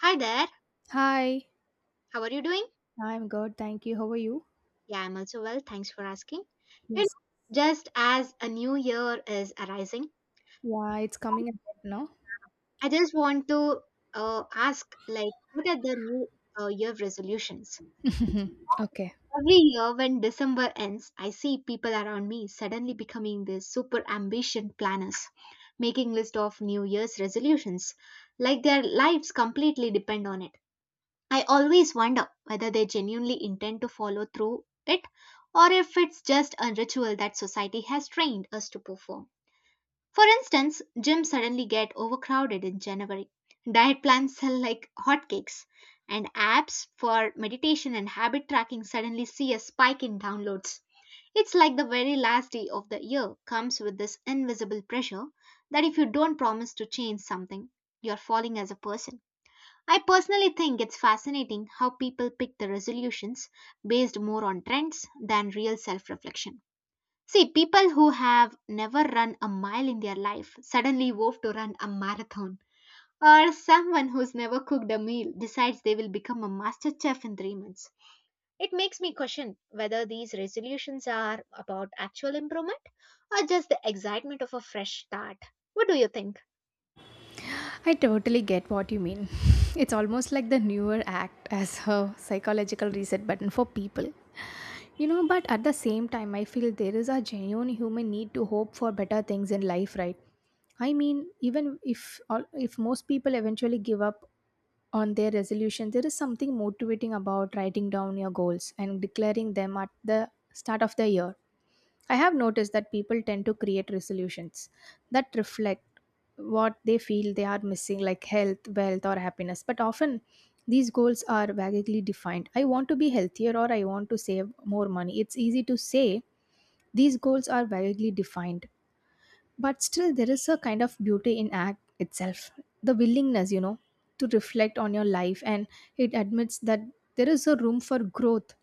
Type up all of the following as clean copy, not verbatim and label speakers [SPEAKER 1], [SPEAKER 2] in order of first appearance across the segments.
[SPEAKER 1] Hi there,
[SPEAKER 2] Hi,
[SPEAKER 1] how are you doing?
[SPEAKER 2] I'm good. Thank you. How are you?
[SPEAKER 1] Yeah, I'm also well, thanks for asking. You know,
[SPEAKER 2] Yes.
[SPEAKER 1] just as a new year is arising,
[SPEAKER 2] Yeah, it's coming a bit now.
[SPEAKER 1] I just want to ask, like, what are the new year resolutions?
[SPEAKER 2] Okay.
[SPEAKER 1] Every year when December ends, I see people around me suddenly becoming these super ambition planners, making list of New Year's resolutions, like their lives completely depend on it. I always wonder whether they genuinely intend to follow through it or if it's just a ritual that society has trained us to perform. For instance, gyms suddenly get overcrowded in January. Diet plans sell like hotcakes, and apps for meditation and habit tracking suddenly see a spike in downloads. It's like the very last day of the year comes with this invisible pressure that if you don't promise to change something, you're falling as a person. I personally think it's fascinating how people pick the resolutions based more on trends than real self reflection. See, people who have never run a mile in their life suddenly vow to run a marathon. Or someone who's never cooked a meal decides they will become a master chef in 3 months. It makes me question whether these resolutions are about actual improvement or just the excitement of a fresh start. What do you think?
[SPEAKER 2] I totally get what you mean. It's almost like the newer act as a psychological reset button for people. But at the same time, I feel there is a genuine human need to hope for better things in life, right? I mean, even if all, if most people eventually give up on their resolution, there is something motivating about writing down your goals and declaring them at the start of the year. I have noticed that people tend to create resolutions that reflect what they feel they are missing, like health, wealth, or happiness. But often these goals are vaguely defined. I want to be healthier or I want to save more money. It's easy to say these goals are vaguely defined, but still there is a kind of beauty in act itself, the willingness, to reflect on your life, and it admits that there is a room for growth,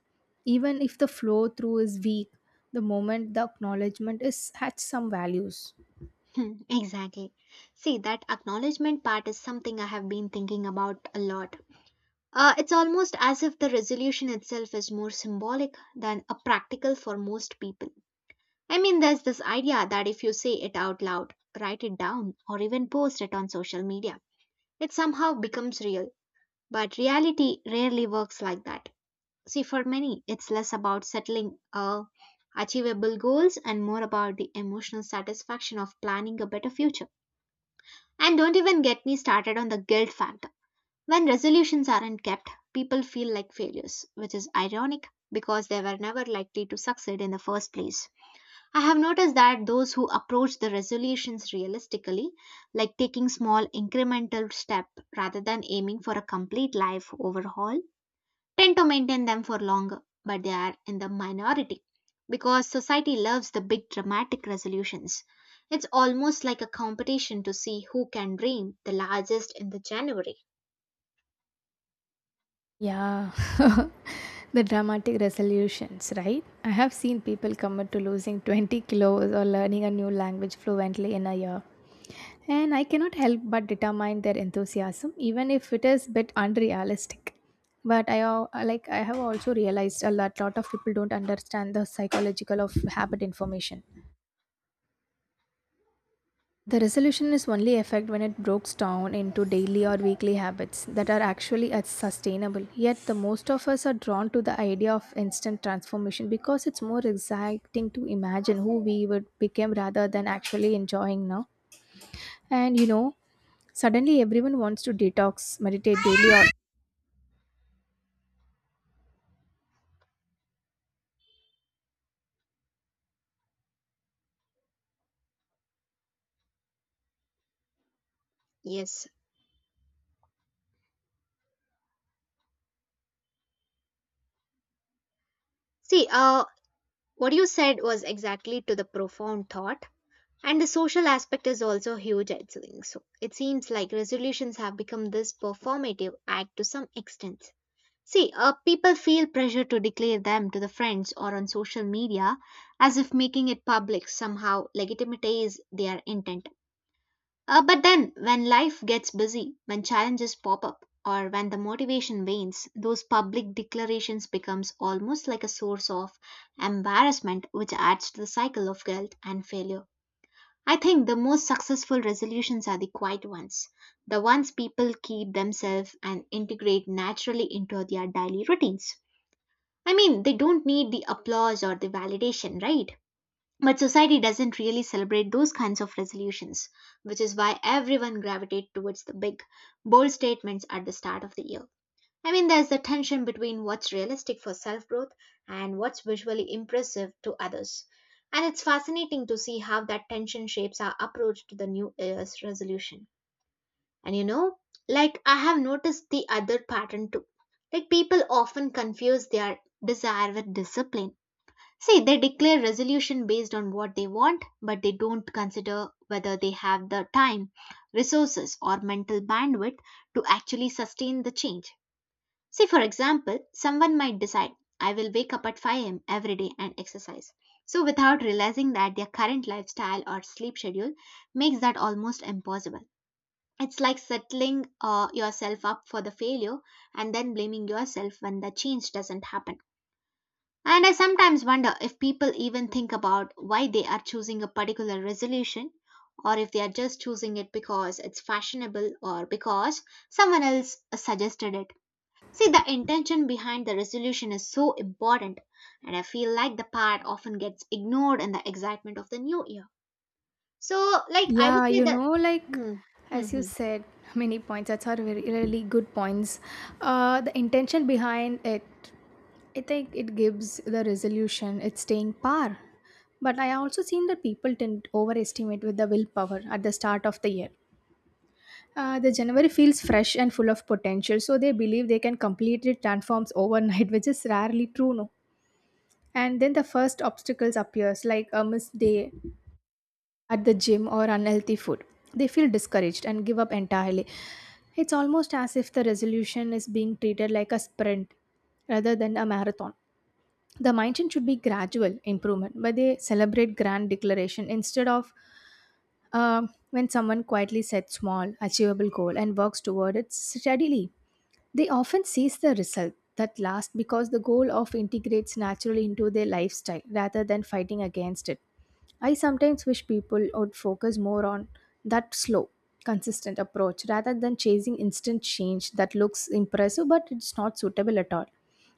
[SPEAKER 2] even if the flow through is weak. The moment the acknowledgement is has some values.
[SPEAKER 1] Hmm, exactly. See, that acknowledgement part is something I have been thinking about a lot. It's almost as if the resolution itself is more symbolic than a practical for most people. I mean, there's this idea that if you say it out loud, write it down, or even post it on social media, it somehow becomes real. But reality rarely works like that. See, for many, it's less about settling achievable goals and more about the emotional satisfaction of planning a better future. And don't even get me started on the guilt factor. When resolutions aren't kept, people feel like failures, which is ironic because they were never likely to succeed in the first place. I have noticed that those who approach the resolutions realistically, like taking small incremental step rather than aiming for a complete life overhaul, tend to maintain them for longer, but they are in the minority because society loves the big dramatic resolutions. It's almost like a competition to see who can dream the largest in the January.
[SPEAKER 2] Yeah, the dramatic resolutions, right? I have seen people commit to losing 20 kilos or learning a new language fluently in a year. And I cannot help but determine their enthusiasm, even if it is a bit unrealistic. But like I have also realized a lot of people don't understand the psychological of habit information. The resolution is only effect when it breaks down into daily or weekly habits that are actually as sustainable. Yet the most of us are drawn to the idea of instant transformation because it's more exciting to imagine who we would become rather than actually enjoying now. And suddenly everyone wants to detox, meditate daily or
[SPEAKER 1] Yes. See, what you said was exactly to the profound thought. And the social aspect is also huge, I think. So it seems like resolutions have become this performative act to some extent. See, people feel pressure to declare them to the friends or on social media as if making it public somehow legitimizes their intent. But then, when life gets busy, when challenges pop up, or when the motivation wanes, those public declarations becomes almost like a source of embarrassment which adds to the cycle of guilt and failure. I think the most successful resolutions are the quiet ones, the ones people keep themselves and integrate naturally into their daily routines. I mean, they don't need the applause or the validation, right? But society doesn't really celebrate those kinds of resolutions, which is why everyone gravitates towards the big, bold statements at the start of the year. I mean, there's the tension between what's realistic for self growth and what's visually impressive to others. And it's fascinating to see how that tension shapes our approach to the new year's resolution. And you know, like I have noticed the other pattern too. Like people often confuse their desire with discipline. See, they declare resolution based on what they want, but they don't consider whether they have the time, resources, or mental bandwidth to actually sustain the change. See, for example, someone might decide, I will wake up at 5 a.m. every day and exercise. So, without realizing that their current lifestyle or sleep schedule makes that almost impossible. It's like settling yourself up for the failure and then blaming yourself when the change doesn't happen. And I sometimes wonder if people even think about why they are choosing a particular resolution or if they are just choosing it because it's fashionable or because someone else suggested it. See, the intention behind the resolution is so important, and I feel like the part often gets ignored in the excitement of the new year. So, like, I would
[SPEAKER 2] yeah,
[SPEAKER 1] say that.
[SPEAKER 2] like,
[SPEAKER 1] Hmm, hmm,
[SPEAKER 2] as you
[SPEAKER 1] hmm,
[SPEAKER 2] said, many points. That's are very really good points. The intention behind it, I think, it gives the resolution its staying power. But I also seen that people tend to overestimate with the willpower at the start of the year. The January feels fresh and full of potential, so they believe they can completely transform overnight, which is rarely true, no. And then the first obstacles appears, like a missed day at the gym or unhealthy food. They feel discouraged and give up entirely. It's almost as if the resolution is being treated like a sprint rather than a marathon. The mindset should be gradual improvement, but they celebrate grand declaration instead of uh, when someone quietly sets small achievable goal and works toward it steadily. They often sees the result that last because the goal of integrates naturally into their lifestyle rather than fighting against it. I sometimes wish people would focus more on that slow, consistent approach rather than chasing instant change that looks impressive but it's not suitable at all.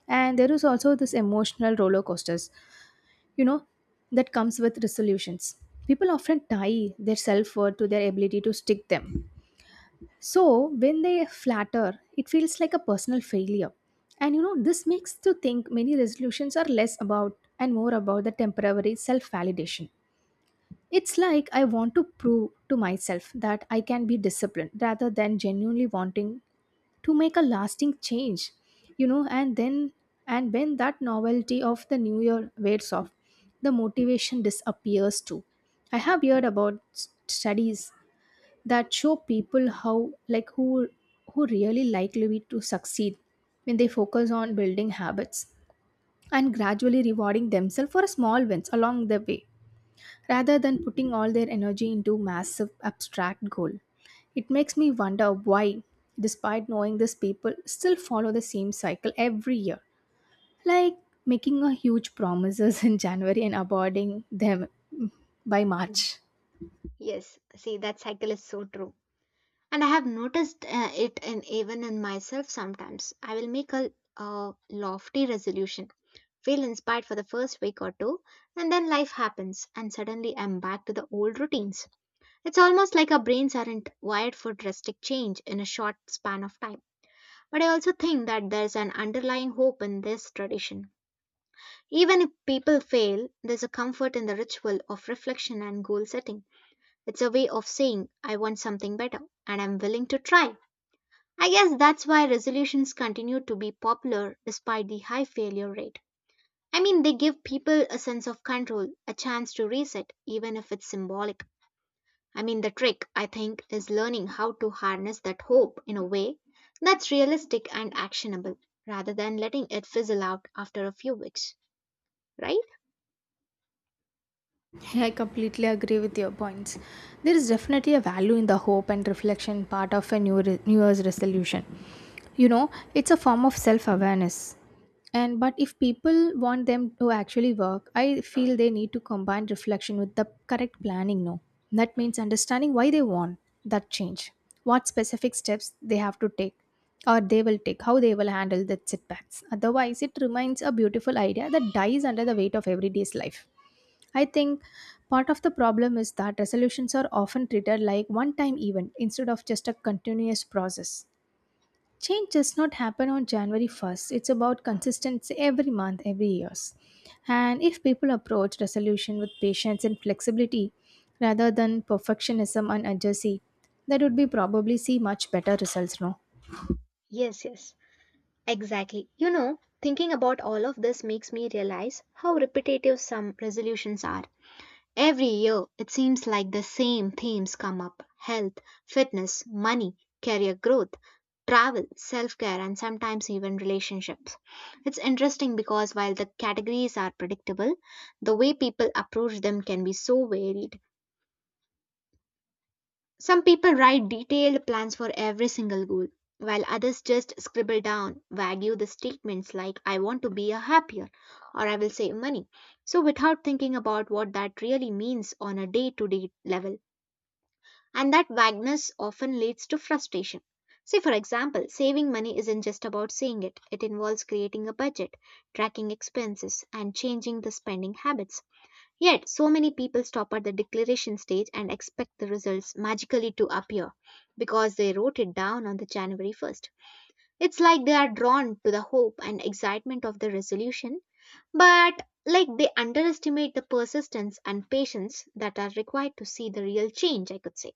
[SPEAKER 2] And there is also this emotional roller coasters, you know that comes with resolutions. People often tie their self-worth to their ability to stick them. So when they flatter, it feels like a personal failure. And, this makes to think many resolutions are less about and more about the temporary self-validation. It's like I want to prove to myself that I can be disciplined rather than genuinely wanting to make a lasting change. And then, and when that novelty of the new year wears off, the motivation disappears too. I have heard about studies that show people how, like, who really likely to succeed when they focus on building habits and gradually rewarding themselves for small wins along the way rather than putting all their energy into massive abstract goal. It makes me wonder why, despite knowing this, people still follow the same cycle every year, like making a huge promises in January and avoiding them by
[SPEAKER 1] hmm.
[SPEAKER 2] March.
[SPEAKER 1] Yes, see, that cycle is so true. And I have noticed it in even in myself. Sometimes I will make a lofty resolution, feel inspired for the first week or two, and then life happens and suddenly I'm back to the old routines. It's almost like our brains aren't wired for drastic change in a short span of time. But I also think that there's an underlying hope in this tradition. Even if people fail, there's a comfort in the ritual of reflection and goal setting. It's a way of saying I want something better and I'm willing to try. I guess that's why resolutions continue to be popular despite the high failure rate. I mean, they give people a sense of control, a chance to reset, even if it's symbolic. I mean, the trick, I think, is learning how to harness that hope in a way that's realistic and actionable, rather than letting it fizzle out after a few weeks, right?
[SPEAKER 2] I completely agree with your points. There is definitely a value in the hope and reflection part of a New Year's resolution. It's a form of self awareness. And but if people want them to actually work, I feel they need to combine reflection with the correct planning. No, that means understanding why they want that change, what specific steps they have to take, or they will take, how they will handle the setbacks. Otherwise, it remains a beautiful idea that dies under the weight of everyday's life. I think part of the problem is that resolutions are often treated like one time event instead of just a continuous process. Change does not happen on January 1st, it's about consistency every month, every years. And if people approach resolution with patience and flexibility rather than perfectionism and urgency, that would be probably see much better results, no?
[SPEAKER 1] Yes, yes, exactly. You know, thinking about all of this makes me realize how repetitive some resolutions are. Every year, it seems like the same themes come up: health, fitness, money, career growth, travel, self care, and sometimes even relationships. It's interesting because while the categories are predictable, the way people approach them can be so varied. Some people write detailed plans for every single goal, while others just scribble down, vague the statements like, I want to be a happier or I will save money. So, without thinking about what that really means on a day to day level. And that vagueness often leads to frustration. Say, for example, saving money isn't just about saying it, it involves creating a budget, tracking expenses, and changing the spending habits. Yet, so many people stop at the declaration stage and expect the results magically to appear because they wrote it down on the January 1st. It's like they are drawn to the hope and excitement of the resolution, but like they underestimate the persistence and patience that are required to see the real change, I could say.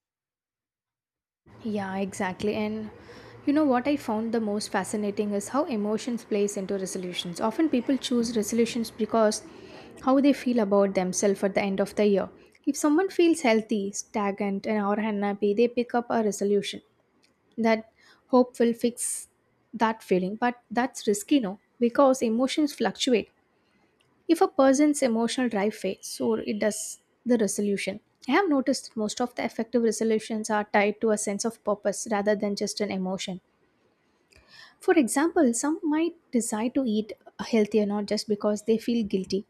[SPEAKER 2] Yeah, exactly. And you know what I found the most fascinating is how emotions plays into resolutions. Often people choose resolutions because how they feel about themselves at the end of the year. If someone feels healthy, stagnant, and or unhappy, they pick up a resolution that hope will fix that feeling. But that's risky, no? Because emotions fluctuate. If a person's emotional drive fades, so it does the resolution. I have noticed that most of the effective resolutions are tied to a sense of purpose rather than just an emotion. For example, some might decide to eat healthier not just because they feel guilty,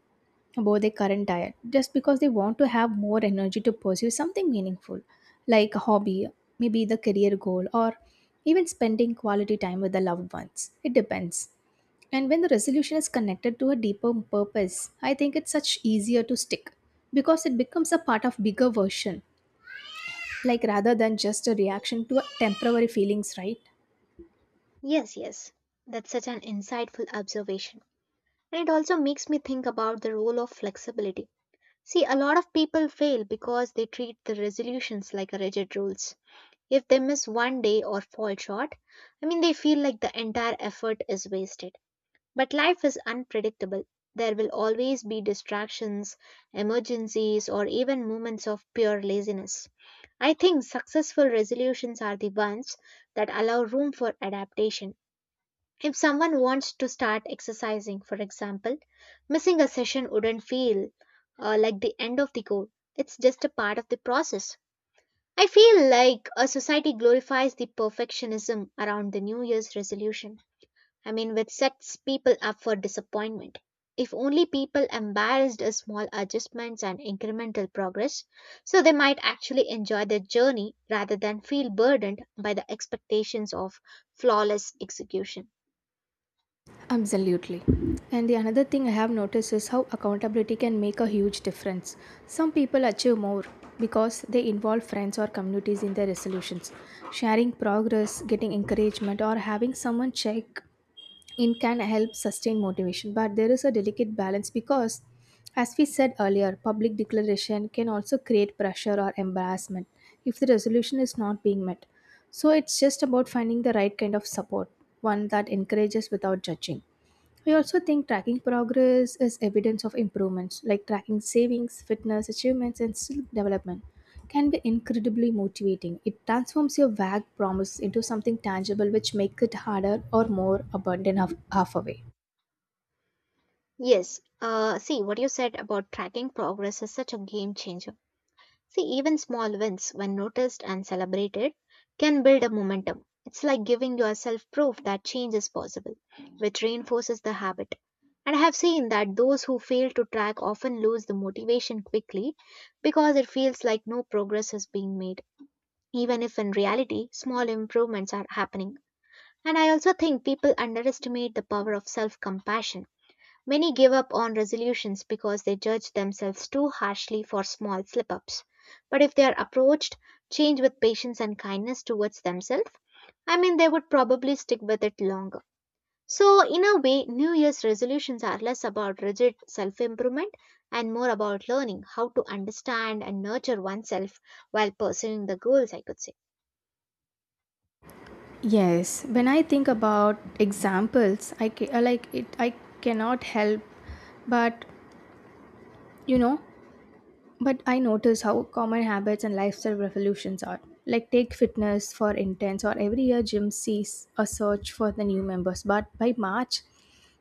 [SPEAKER 2] about their current diet just because they want to have more energy to pursue something meaningful, like a hobby, maybe the career goal, or even spending quality time with the loved ones, it depends. And when the resolution is connected to a deeper purpose, I think it's such easier to stick because it becomes a part of bigger version, like rather than just a reaction to temporary feelings, right?
[SPEAKER 1] Yes, yes, that's such an insightful observation. And it also makes me think about the role of flexibility. See, a lot of people fail because they treat the resolutions like a rigid rules. If they miss one day or fall short, I mean, they feel like the entire effort is wasted. But life is unpredictable. There will always be distractions, emergencies, or even moments of pure laziness. I think successful resolutions are the ones that allow room for adaptation. If someone wants to start exercising, for example, missing a session wouldn't feel like the end of the goal. It's just a part of the process. I feel like a society glorifies the perfectionism around the New Year's resolution. I mean, which sets people up for disappointment. If only people embraced a small adjustments and incremental progress, so they might actually enjoy their journey rather than feel burdened by the expectations of flawless execution.
[SPEAKER 2] Absolutely. And the another thing I have noticed is how accountability can make a huge difference. Some people achieve more because they involve friends or communities in their resolutions. Sharing progress, getting encouragement, or having someone check in can help sustain motivation. But there is a delicate balance because, as we said earlier, public declaration can also create pressure or embarrassment if the resolution is not being met. So it's just about finding the right kind of support, one that encourages without judging. We also think tracking progress is evidence of improvements, like tracking savings, fitness, achievements, and skill development can be incredibly motivating. It transforms your vague promise into something tangible which makes it harder or more abundant half half away.
[SPEAKER 1] Yes. See, what you said about tracking progress is such a game changer. See, even small wins, when noticed and celebrated, can build a momentum. It's like giving yourself proof that change is possible, which reinforces the habit. And I have seen that those who fail to track often lose the motivation quickly because it feels like no progress is being made, even if in reality, small improvements are happening. And I also think people underestimate the power of self compassion. Many give up on resolutions because they judge themselves too harshly for small slip ups. But if they are approached change with patience and kindness towards themselves, I mean, they would probably stick with it longer. So, in a way, New Year's resolutions are less about rigid self improvement and more about learning how to understand and nurture oneself while pursuing the goals, I could say.
[SPEAKER 2] Yes, when I think about examples, like it. I cannot help, but you know, but I notice how common habits and lifestyle revolutions are. Like take fitness for intense, or every year gym sees a search for the new members, but by March,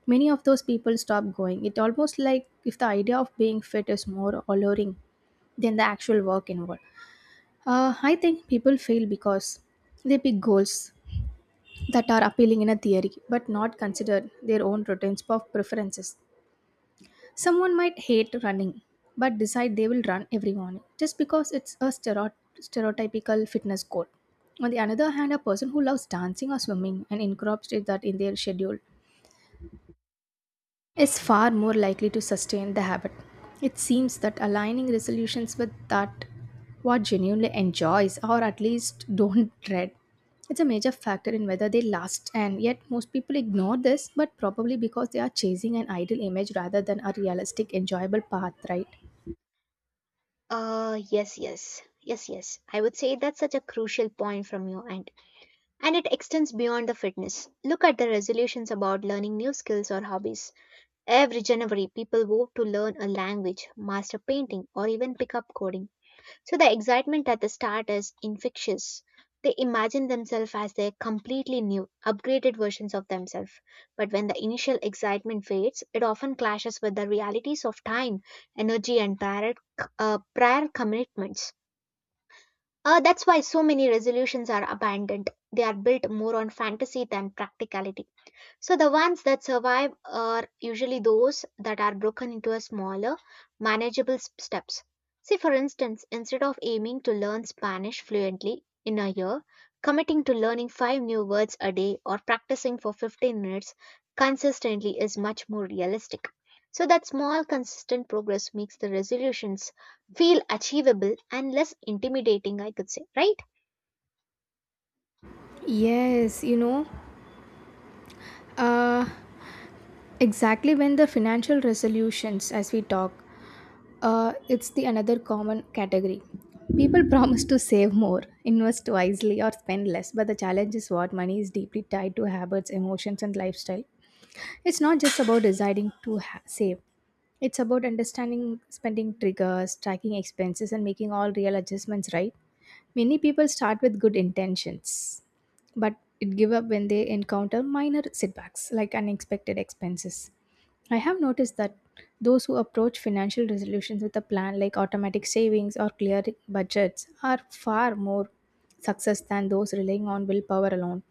[SPEAKER 2] many of those people stop going. It almost like if the idea of being fit is more alluring than the actual work involved. I think people fail because they pick goals that are appealing in a theory but not consider their own routines of preferences. Someone might hate running but decide they will run every morning just because it's a stereotypical fitness goal. On the other hand, a person who loves dancing or swimming and incorporates that in their schedule is far more likely to sustain the habit. It seems that aligning resolutions with that what genuinely enjoys or at least don't dread, it's a major factor in whether they last. And yet most people ignore this, but probably because they are chasing an ideal image rather than a realistic enjoyable path, right?
[SPEAKER 1] Yes, yes, yes, yes. I would say that's such a crucial point from your end. And it extends beyond the fitness. Look at the resolutions about learning new skills or hobbies. Every January, people vote to learn a language, master painting, or even pick up coding. So the excitement at the start is infectious. They imagine themselves as their completely new, upgraded versions of themselves. But when the initial excitement fades, it often clashes with the realities of time, energy, and prior commitments. That's why so many resolutions are abandoned. They are built more on fantasy than practicality. So the ones that survive are usually those that are broken into a smaller, manageable steps. See, for instance, instead of aiming to learn Spanish fluently in a year, committing to learning five new words a day or practicing for 15 minutes consistently is much more realistic. So that small, consistent progress makes the resolutions feel achievable and less intimidating, I could say, right?
[SPEAKER 2] Yes, uh exactly. When the financial resolutions as we talk, it's the another common category. People promise to save more, invest wisely, or spend less, but the challenge is what money is deeply tied to habits, emotions, and lifestyle. It's not just about deciding to save, it's about understanding spending triggers, tracking expenses, and making all real adjustments right. Many people start with good intentions but it give up when they encounter minor setbacks like unexpected expenses. I have noticed that those who approach financial resolutions with a plan, like automatic savings or clear budgets, are far more success than those relying on willpower alone.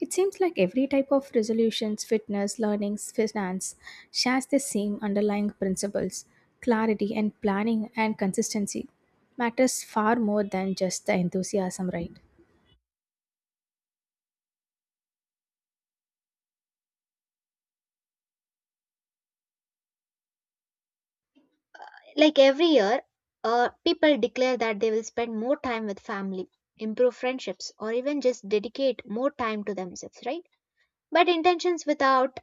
[SPEAKER 2] It seems like every type of resolutions, fitness, learnings, finance shares the same underlying principles. Clarity and planning and consistency matters far more than just the enthusiasm, right?
[SPEAKER 1] Like every year, people declare that they will spend more time with family, improve friendships, or even just dedicate more time to themselves, right? But intentions without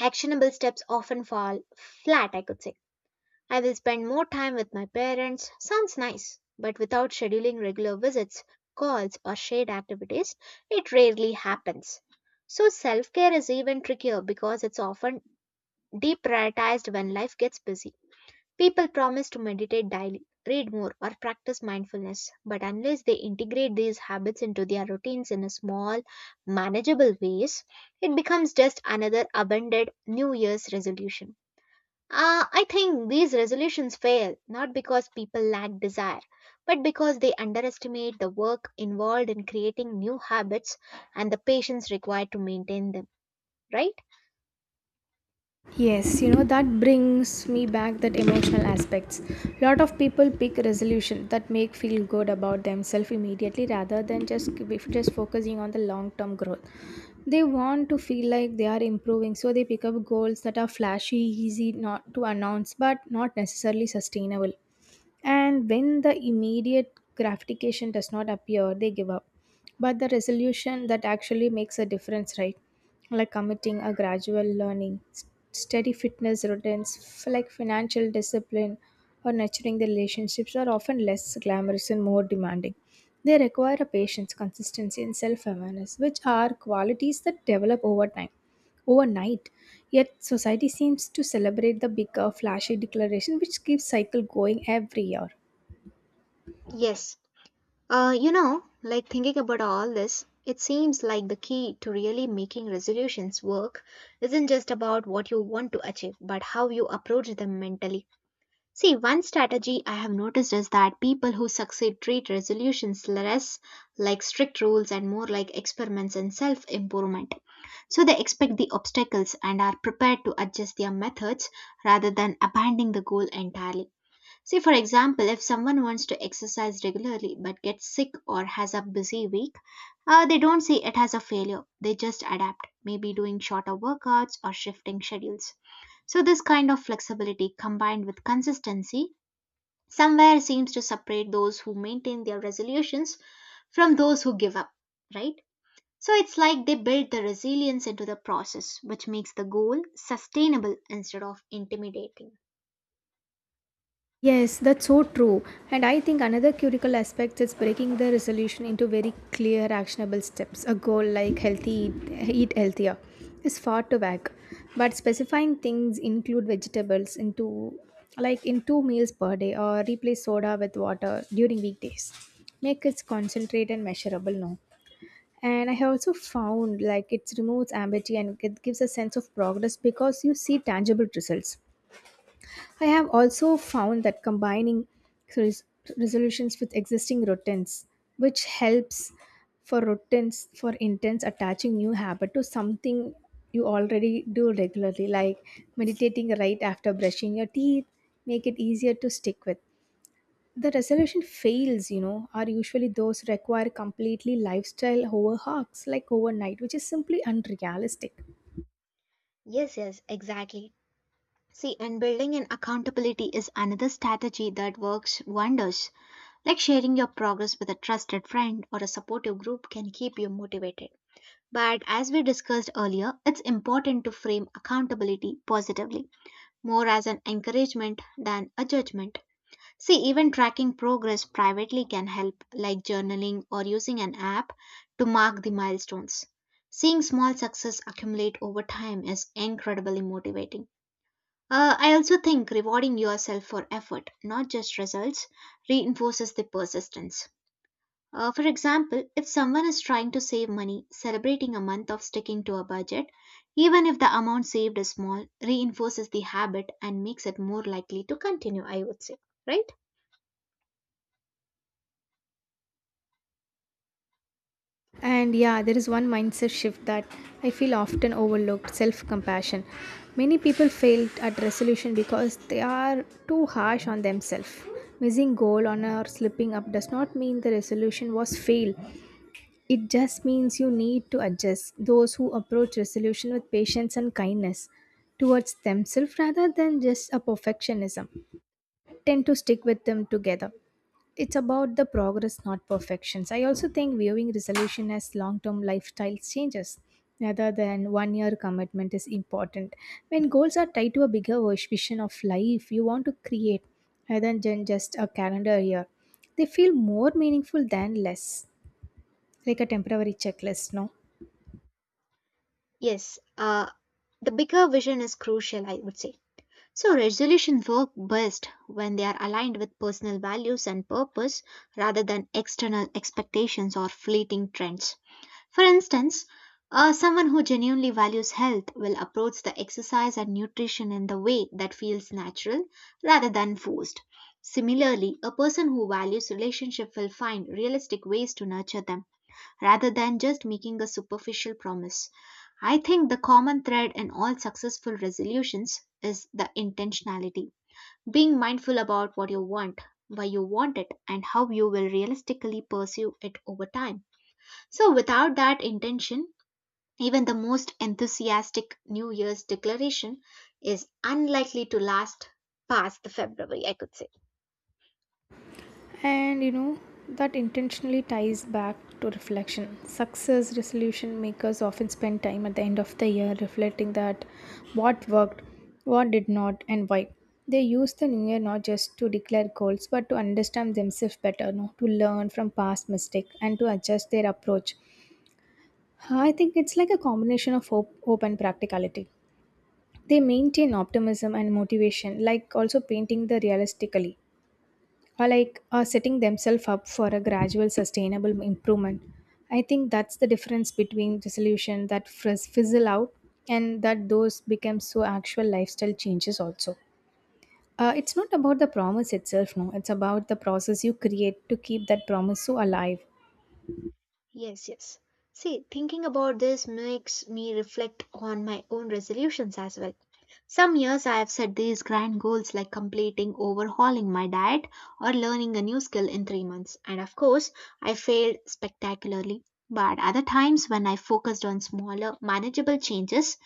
[SPEAKER 1] actionable steps often fall flat, I could say. I will spend more time with my parents. Sounds nice, but without scheduling regular visits, calls, or shared activities, it rarely happens. So, self care is even trickier because it's often deprioritized when life gets busy. People promise to meditate daily, read more, or practice mindfulness, but unless they integrate these habits into their routines in a small, manageable ways, it becomes just another abandoned New Year's resolution. I think these resolutions fail not because people lack desire, but because they underestimate the work involved in creating new habits and the patience required to maintain them, right?
[SPEAKER 2] Yes, that brings me back that emotional aspects. Lot of people pick resolution that make feel good about themselves immediately rather than just focusing on the long-term growth. They want to feel like they are improving, so they pick up goals that are flashy, easy not to announce, but not necessarily sustainable. And when the immediate gratification does not appear, they give up. But the resolution that actually makes a difference, right, like committing a gradual steady fitness routines, like financial discipline or nurturing the relationships, are often less glamorous and more demanding. They require a patience, consistency and self-awareness, which are qualities that develop over time overnight. Yet society seems to celebrate the bigger, flashy declaration which keeps cycle going every year.
[SPEAKER 1] Yes. Like thinking about all this, it seems like the key to really making resolutions work isn't just about what you want to achieve, but how you approach them mentally. See, one strategy I have noticed is that people who succeed treat resolutions less like strict rules and more like experiments in self improvement. So they expect the obstacles and are prepared to adjust their methods rather than abandoning the goal entirely. See, for example, if someone wants to exercise regularly but gets sick or has a busy week, they don't see it as a failure. They just adapt, maybe doing shorter workouts or shifting schedules. So, this kind of flexibility combined with consistency somewhere seems to separate those who maintain their resolutions from those who give up, right? So, it's like they build the resilience into the process, which makes the goal sustainable instead of intimidating.
[SPEAKER 2] Yes, that's so true. And I think another critical aspect is breaking the resolution into very clear, actionable steps. A goal like healthy, eat healthier is far too vague. But specifying things include vegetables into like in two meals per day or replace soda with water during weekdays. Make it concentrate and measurable now. And I have also found, like, it removes ambiguity and it gives a sense of progress because you see tangible results. I have also found that combining res- resolutions with existing routines, which helps, for routines for intents, attaching new habit to something you already do regularly, like meditating right after brushing your teeth, make it easier to stick with. The resolution fails, you know, are usually those require completely lifestyle overhauls like overnight, which is simply unrealistic.
[SPEAKER 1] Yes, yes, exactly. See, and building in accountability is another strategy that works wonders. Like sharing your progress with a trusted friend or a supportive group can keep you motivated. But as we discussed earlier, it's important to frame accountability positively, more as an encouragement than a judgment. See, even tracking progress privately can help, like journaling or using an app to mark the milestones. Seeing small success accumulate over time is incredibly motivating. I also think rewarding yourself for effort, not just results, reinforces the persistence. For example, if someone is trying to save money, celebrating a month of sticking to a budget, even if the amount saved is small, reinforces the habit and makes it more likely to continue, I would say. Right?
[SPEAKER 2] And yeah, there is one mindset shift that I feel often overlooked: self-compassion. Many people fail at resolution because they are too harsh on themselves. Missing goal on or slipping up does not mean the resolution was fail. It just means you need to adjust. Those who approach resolution with patience and kindness towards themselves rather than just a perfectionism tend to stick with them together. It's about the progress, not perfections. I also think viewing resolution as long term lifestyle changes rather than 1 year commitment is important. When goals are tied to a bigger vision of life you want to create rather than just a calendar year, they feel more meaningful than less, like a temporary checklist, no?
[SPEAKER 1] Yes, the bigger vision is crucial, I would say. So, resolutions work best when they are aligned with personal values and purpose rather than external expectations or fleeting trends. For instance, someone who genuinely values health will approach the exercise and nutrition in the way that feels natural rather than forced. Similarly, a person who values relationship will find realistic ways to nurture them rather than just making a superficial promise. I think the common thread in all successful resolutions is the intentionality. Being mindful about what you want, why you want it, and how you will realistically pursue it over time. So, without that intention, even the most enthusiastic New Year's declaration is unlikely to last past the February, I could say.
[SPEAKER 2] And you know, that intentionally ties back to reflection. Success resolution makers often spend time at the end of the year reflecting that what worked, what did not, and why. They use the new year not just to declare goals but to understand themselves better, no? To learn from past mistakes and to adjust their approach. I think it's like a combination of hope and practicality. They maintain optimism and motivation, like also painting the realistically or like are setting themselves up for a gradual sustainable improvement. I think that's the difference between the solution that fizzle out and that those become so actual lifestyle changes also. It's not about the promise itself, no, it's about the process you create to keep that promise so alive.
[SPEAKER 1] Yes, yes. See, thinking about this makes me reflect on my own resolutions as well. Some years I have set these grand goals like completing overhauling my diet or learning a new skill in 3 months. And of course, I failed spectacularly. But other times when I focused on smaller, manageable changes,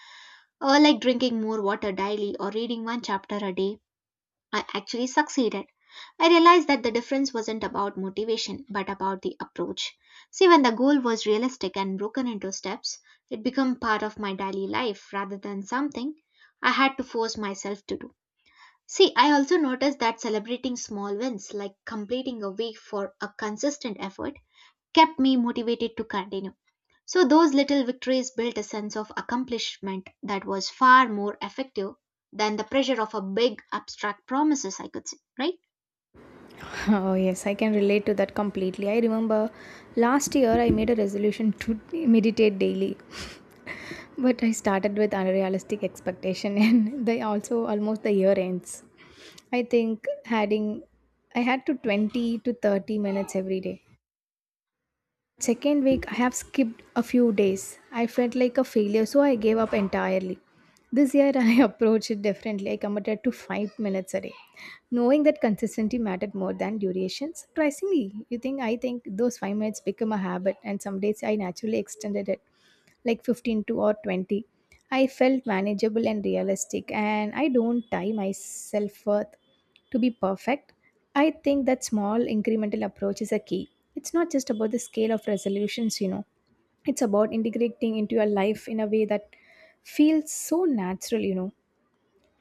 [SPEAKER 1] like drinking more water daily or reading one chapter a day, I actually succeeded. I realized that the difference wasn't about motivation, but about the approach. See, when the goal was realistic and broken into steps, it became part of my daily life rather than something I had to force myself to do. See, I also noticed that celebrating small wins, like completing a week for a consistent effort, kept me motivated to continue. So, those little victories built a sense of accomplishment that was far more effective than the pressure of a big abstract promises, I could say, right?
[SPEAKER 2] Oh yes, I can relate to that completely. I remember last year I made a resolution to meditate daily. But I started with unrealistic expectation and they also almost the year ends. I think adding I had to 20 to 30 minutes every day. Second week I have skipped a few days. I felt like a failure, so I gave up entirely. This year I approached it differently. I committed to 5 minutes a day, knowing that consistency mattered more than duration. Surprisingly, you think, I think those 5 minutes become a habit and some days I naturally extended it like 15 to or 20. I felt manageable and realistic, and I don't tie my self-worth to be perfect. I think that small incremental approach is a key. It's not just about the scale of resolutions, you know, it's about integrating into your life in a way that feels so natural, you know.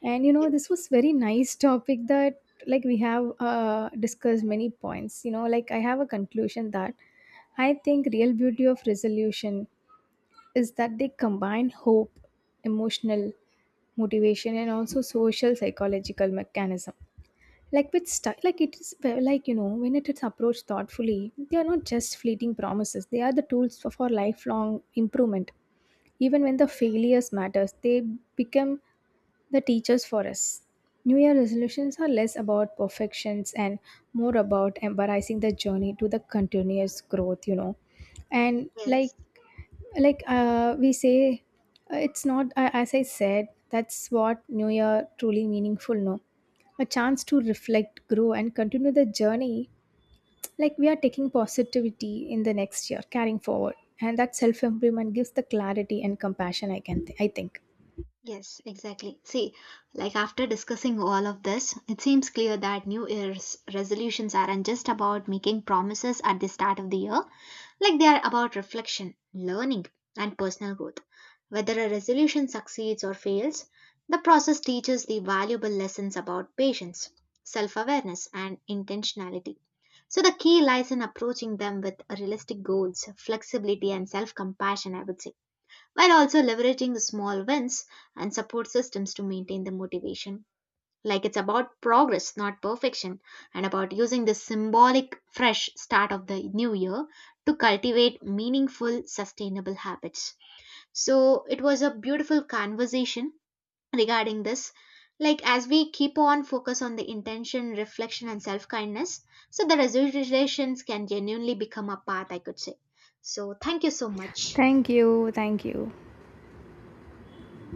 [SPEAKER 2] And you know,
[SPEAKER 1] Yes,
[SPEAKER 2] this was very nice topic that, like, we have discussed many points, you know. Like, I have a conclusion that I think real beauty of resolution is that they combine hope, emotional motivation, and also social psychological mechanism. Like with style, like it is well, like you know, when it is approached thoughtfully, they are not just fleeting promises. They are the tools for lifelong improvement. Even when the failures matters, they become the teachers for us. New Year resolutions are less about perfections and more about embracing the journey to the continuous growth. You know, and like
[SPEAKER 1] yes,
[SPEAKER 2] like we say, it's not, as I said, that's what new year truly meaningful, no? A chance to reflect, grow and continue the journey. Like we are taking positivity in the next year, carrying forward, and that self improvement gives the clarity and compassion, I can, I think.
[SPEAKER 1] yes, exactly. See, like after discussing all of this, it seems clear that New Year's resolutions aren't just about making promises at the start of the year, like they are about reflection, learning, and personal growth. Whether a resolution succeeds or fails, the process teaches the valuable lessons about patience, self awareness, and intentionality. So, the key lies in approaching them with realistic goals, flexibility, and self compassion, I would say, while also leveraging the small wins and support systems to maintain the motivation. Like it's about progress, not perfection, and about using the symbolic fresh start of the new year to cultivate meaningful, sustainable habits. So it was a beautiful conversation regarding this. Like as we keep on focus on the intention, reflection, and self kindness, so the resolutions can genuinely become a path, I could say. So thank you so much.
[SPEAKER 2] Thank you, thank you.